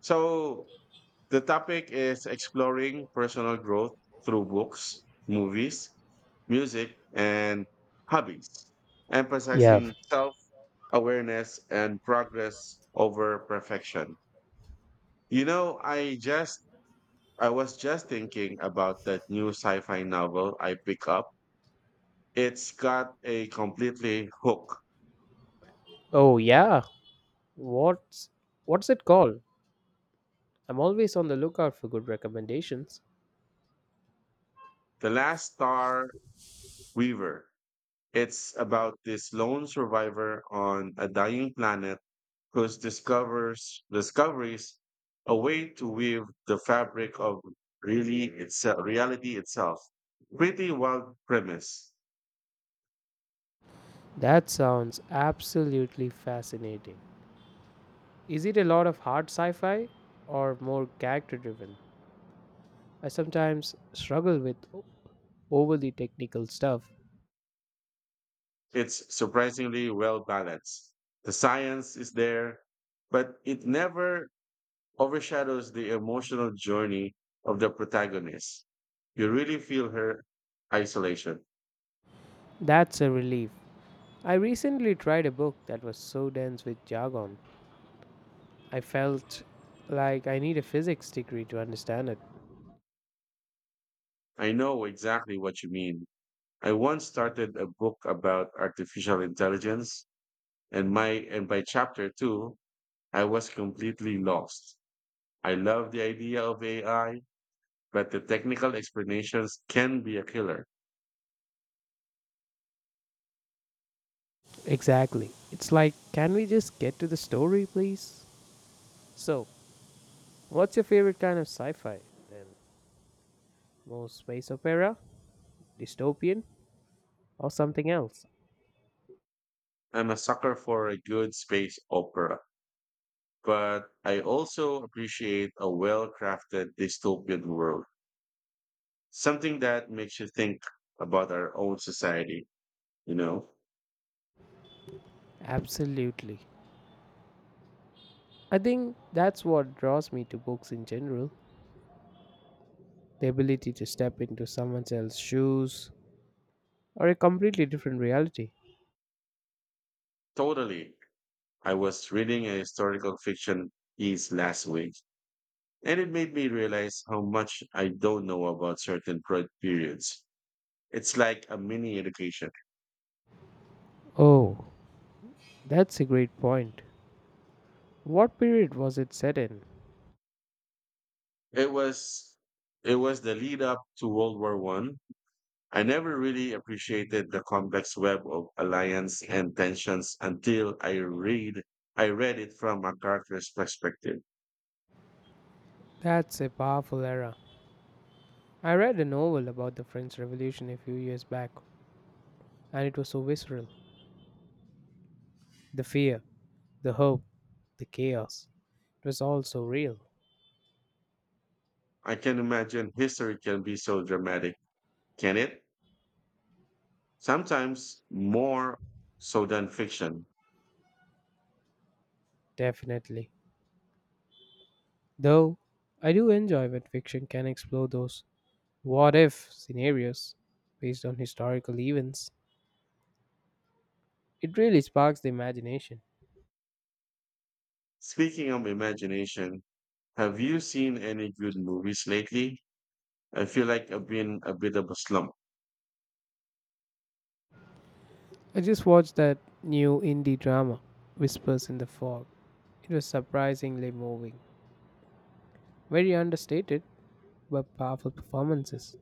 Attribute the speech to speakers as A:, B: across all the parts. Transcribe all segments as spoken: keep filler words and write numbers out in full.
A: So the topic is exploring personal growth through books, movies, music, and hobbies,
B: Yeah.
A: emphasizing self awareness and progress over perfection. You know, I just I was just thinking about that new sci-fi novel I pick up. It's got a completely hook.
B: Oh yeah. What's what's it called? I'm always on the lookout for good recommendations.
A: The Last Star Weaver. It's about this lone survivor on a dying planet whose discovers discoveries a way to weave the fabric of really itself reality itself. Pretty wild premise.
B: That sounds absolutely fascinating. Is it a lot of hard sci-fi or more character driven? I sometimes struggle with o- overly technical stuff.
A: It's surprisingly well balanced. The science is there, but it never overshadows the emotional journey of the protagonist. You really feel her isolation.
B: That's a relief. I recently tried a book that was so dense with jargon. I felt like I need a physics degree to understand it.
A: I know exactly what you mean. I once started a book about artificial intelligence and my and by chapter two I was completely lost. I love the idea of A I, but the technical explanations can be a killer.
B: Exactly. It's like, can we just get to the story, please? So, what's your favorite kind of sci fi? Then, more space opera, dystopian, or something else?
A: I'm a sucker for a good space opera, but I also appreciate a well-crafted dystopian world. Something that makes you think about our own society, you know?
B: Absolutely. I think that's what draws me to books in general, the ability to step into someone else's shoes or a completely different reality.
A: Totally. I was reading a historical fiction piece last week. And it made me realize how much I don't know about certain pro- periods. It's like a mini education.
B: Oh, that's a great point. What period was it set in?
A: It was it was the lead up to World War One. I never really appreciated the complex web of alliance and tensions until I read I read it from a character's perspective.
B: That's a powerful era. I read a novel about the French Revolution a few years back, and it was so visceral. The fear, the hope, the chaos. It was all so real.
A: I can imagine history can be so dramatic, can it? Sometimes more so than fiction.
B: Definitely. Though I do enjoy when fiction can explore those what if scenarios based on historical events. It really sparks the imagination.
A: Speaking of imagination, have you seen any good movies lately? I feel like I've been a bit of a slump.
B: I just watched that new indie drama, Whispers in the Fog. It was surprisingly moving. Very understated, but powerful performances.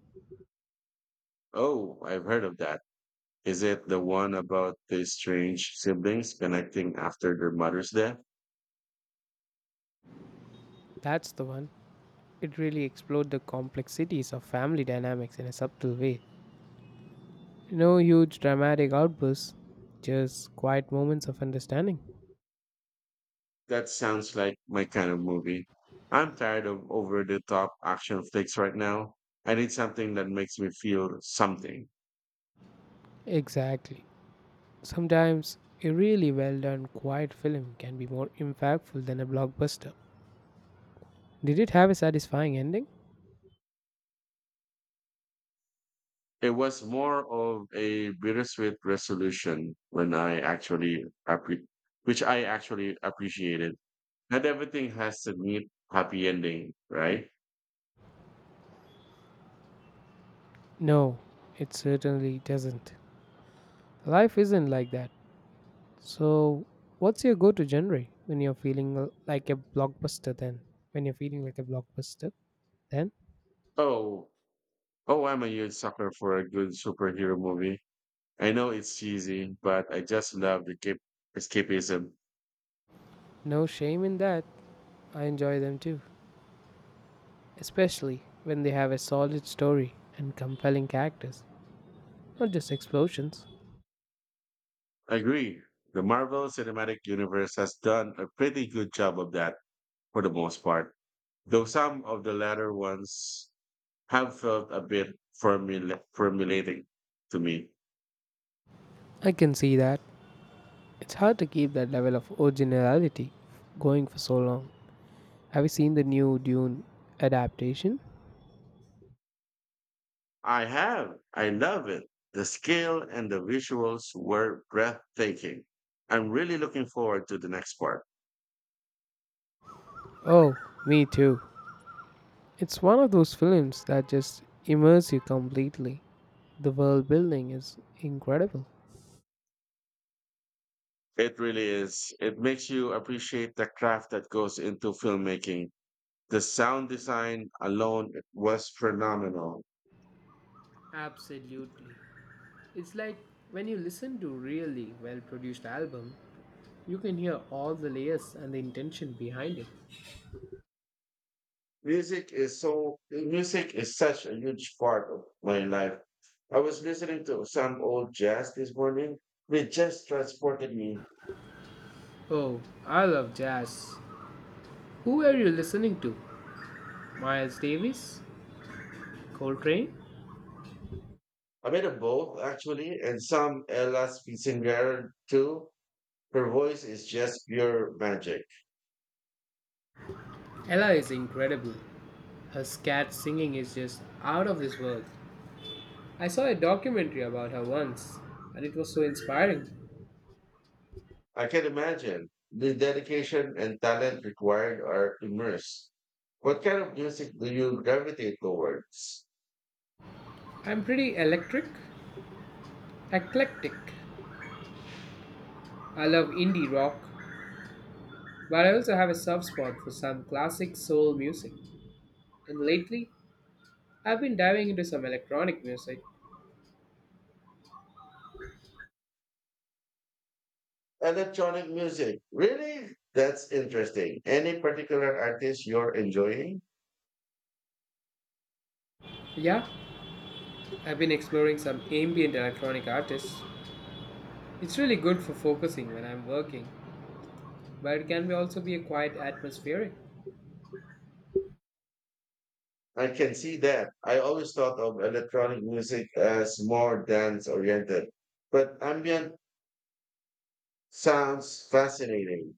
A: Oh, I've heard of that. Is it the one about the strange siblings connecting after their mother's death?
B: That's the one. It really explored the complexities of family dynamics in a subtle way. No huge dramatic outbursts, just quiet moments of understanding.
A: That sounds like my kind of movie. I'm tired of over the top action flicks right now. I need something that makes me feel something.
B: Exactly. Sometimes a really well done, quiet film can be more impactful than a blockbuster. Did it have a satisfying ending?
A: It was more of a bittersweet resolution when I actually appre- which I actually appreciated. Not everything has a neat happy ending, right?
B: No, it certainly doesn't. Life isn't like that. So, what's your go to genre when you're feeling l- like a blockbuster then? When you're feeling like a blockbuster, then?
A: Oh, oh, I'm a huge sucker for a good superhero movie. I know it's cheesy, but I just love the cap- escapism.
B: No shame in that. I enjoy them too. Especially when they have a solid story and compelling characters, not just explosions.
A: I agree. The Marvel Cinematic Universe has done a pretty good job of that for the most part, though some of the latter ones have felt a bit formula- formulating to me.
B: I can see that. It's hard to keep that level of originality going for so long. Have you seen the new Dune adaptation?
A: I have. I love it. The scale and the visuals were breathtaking. I'm really looking forward to the next part.
B: Oh, me too. It's one of those films that just immerse you completely. The world building is incredible.
A: It really is. It makes you appreciate the craft that goes into filmmaking. The sound design alone was phenomenal.
B: Absolutely. It's like when you listen to really well produced album, you can hear all the layers and the intention behind it.
A: Music is so music is such a huge part of my life. I was listening to some old jazz this morning. It just transported me.
B: Oh, I love jazz. Who are you listening to? Miles Davis? Coltrane?
A: A bit of both, actually, and some Ella Spitzinger too. Her voice is just pure magic.
B: Ella is incredible. Her scat singing is just out of this world. I saw a documentary about her once, and it was so inspiring.
A: I can imagine the dedication and talent required are immense. What kind of music do you gravitate towards?
B: I'm pretty electric, eclectic. I love indie rock, but I also have a soft spot for some classic soul music. And lately, I've been diving into some electronic music.
A: Electronic music. Really? That's interesting. Any particular artist you're enjoying?
B: Yeah, I've been exploring some ambient electronic artists. It's really good for focusing when I'm working, but it can be also be a quite atmospheric.
A: I can see that. I always thought of electronic music as more dance oriented, but ambient sounds fascinating.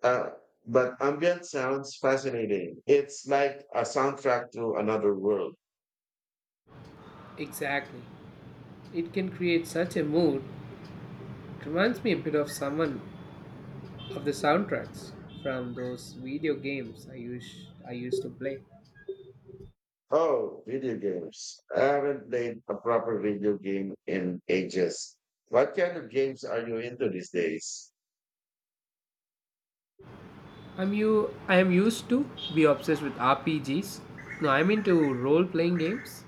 A: Uh, but ambient sounds fascinating. It's like a soundtrack to another world.
B: Exactly. It can create such a mood. It reminds me a bit of someone of the soundtracks from those video games I used I used to play.
A: Oh, video games. I haven't played a proper video game in ages. What kind of games are you into these days?
B: I'm you I am used to be obsessed with R P Gs. No, I'm into role-playing games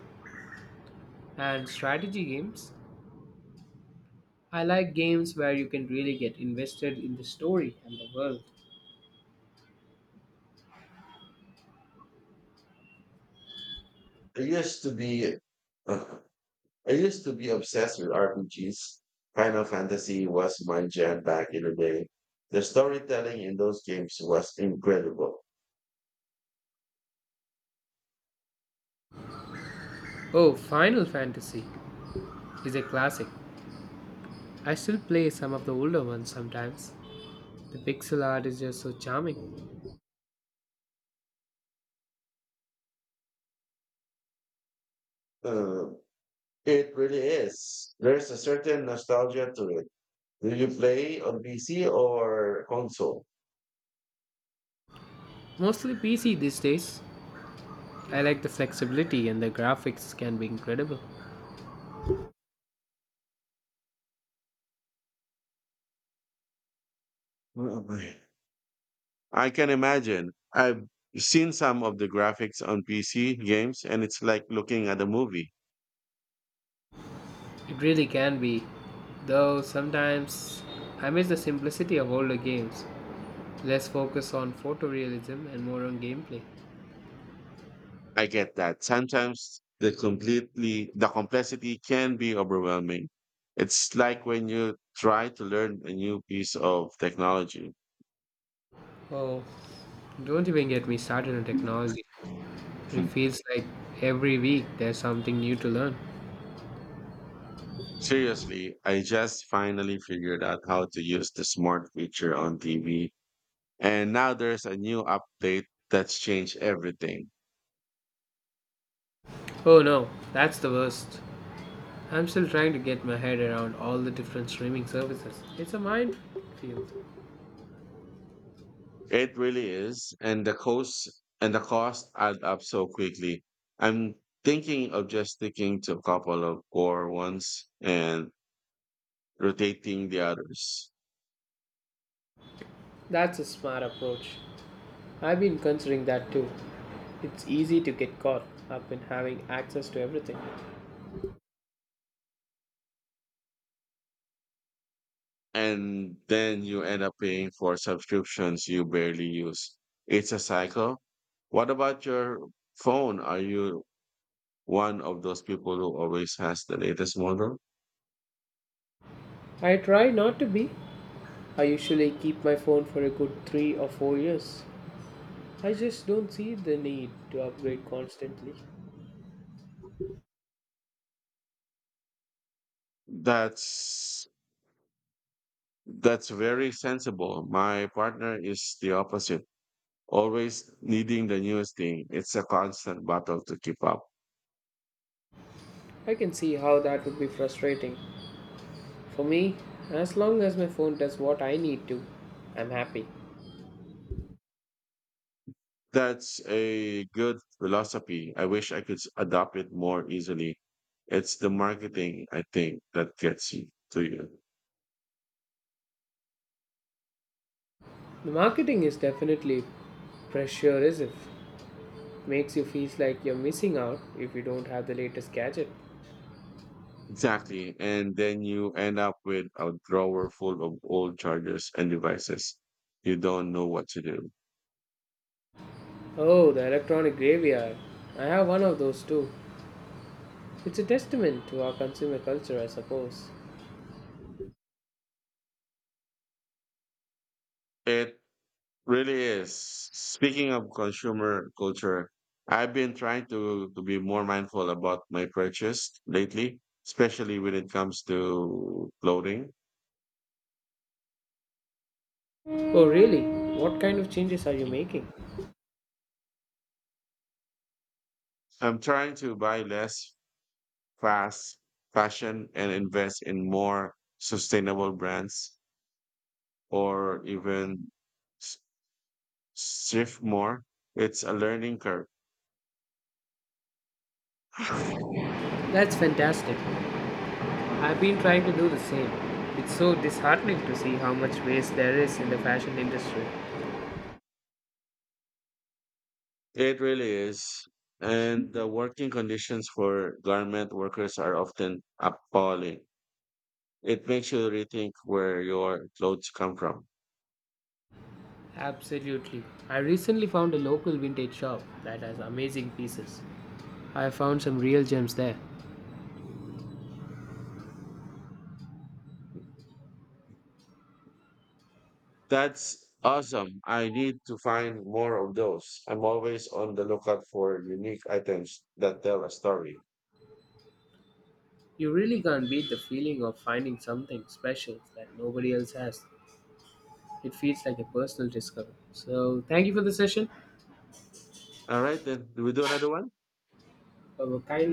B: and strategy games. I like games where you can really get invested in the story and the world.
A: I used to be uh, I used to be obsessed with R P Gs. Final Fantasy was my jam back in the day. The storytelling in those games was incredible.
B: Oh, Final Fantasy is a classic. I still play some of the older ones sometimes. The pixel art is just so charming.
A: Uh, it really is. There's a certain nostalgia to it. Do you play on P C or console?
B: Mostly P C these days, I like the flexibility and the graphics can be incredible.
A: Mm, I can imagine. I've seen some of the graphics on P C games and it's like looking at a movie.
B: It really can be. Though sometimes I miss the simplicity of older games. Less focus on photorealism and more on gameplay.
A: I get that. Sometimes the completely the complexity can be overwhelming. It's like when you try to learn a new piece of technology.
B: Oh, don't even get me started on technology. It
A: Hmm.
B: feels like every week there's something new to learn.
A: Seriously, I just finally figured out how to use the smart feature on T V. And now there's a new update that's changed everything.
B: Oh no, that's the worst. I'm still trying to get my head around all the different streaming services. It's a minefield.
A: It really is. And the costs and the costs add up so quickly. I'm thinking of just sticking to a couple of core ones and rotating the others.
B: That's a smart approach. I've been considering that too. It's easy to get caught up in having access to everything.
A: And then you end up paying for subscriptions you barely use. It's a cycle. What about your phone? Are you one of those people who always has the latest model?
B: I try not to be. I usually keep my phone for a good three or four years. I just don't see the need to upgrade constantly.
A: That's That's very sensible. My partner is the opposite, always needing the newest thing. It's a constant battle to keep up.
B: I can see how that would be frustrating. For me, as long as my phone does what I need to, I'm happy.
A: That's a good philosophy. I wish I could s- adopt it more easily. It's the marketing, I think, that gets you to you.
B: The marketing is definitely pressure as if makes you feel like you're missing out if you don't have the latest gadget.
A: Exactly. And then you end up with a drawer full of old chargers and devices. You don't know what to do.
B: Oh, the electronic graveyard. I have one of those too. It's a testament to our consumer culture, I suppose.
A: It really is. Speaking of consumer culture, I've been trying to to be more mindful about my purchase lately, especially when it comes to clothing.
B: Oh, really? What kind of changes are you making?
A: I'm trying to buy less fast fashion and invest in more sustainable brands or even s- thrift more. It's a learning curve.
B: That's fantastic. I've been trying to do the same. It's so disheartening to see how much waste there is in the fashion industry.
A: It really is. And the working conditions for garment workers are often appalling. It makes you rethink where your clothes come from.
B: Absolutely. I recently found a local vintage shop that has amazing pieces. I found some real gems there.
A: That's awesome. I need to find more of those. I'm always on the lookout for unique items that tell a story.
B: You really can't beat the feeling of finding something special that nobody else has. It feels like a personal discovery. So, thank you for the session.
A: All right, then. Do we do another one?
B: Have a kind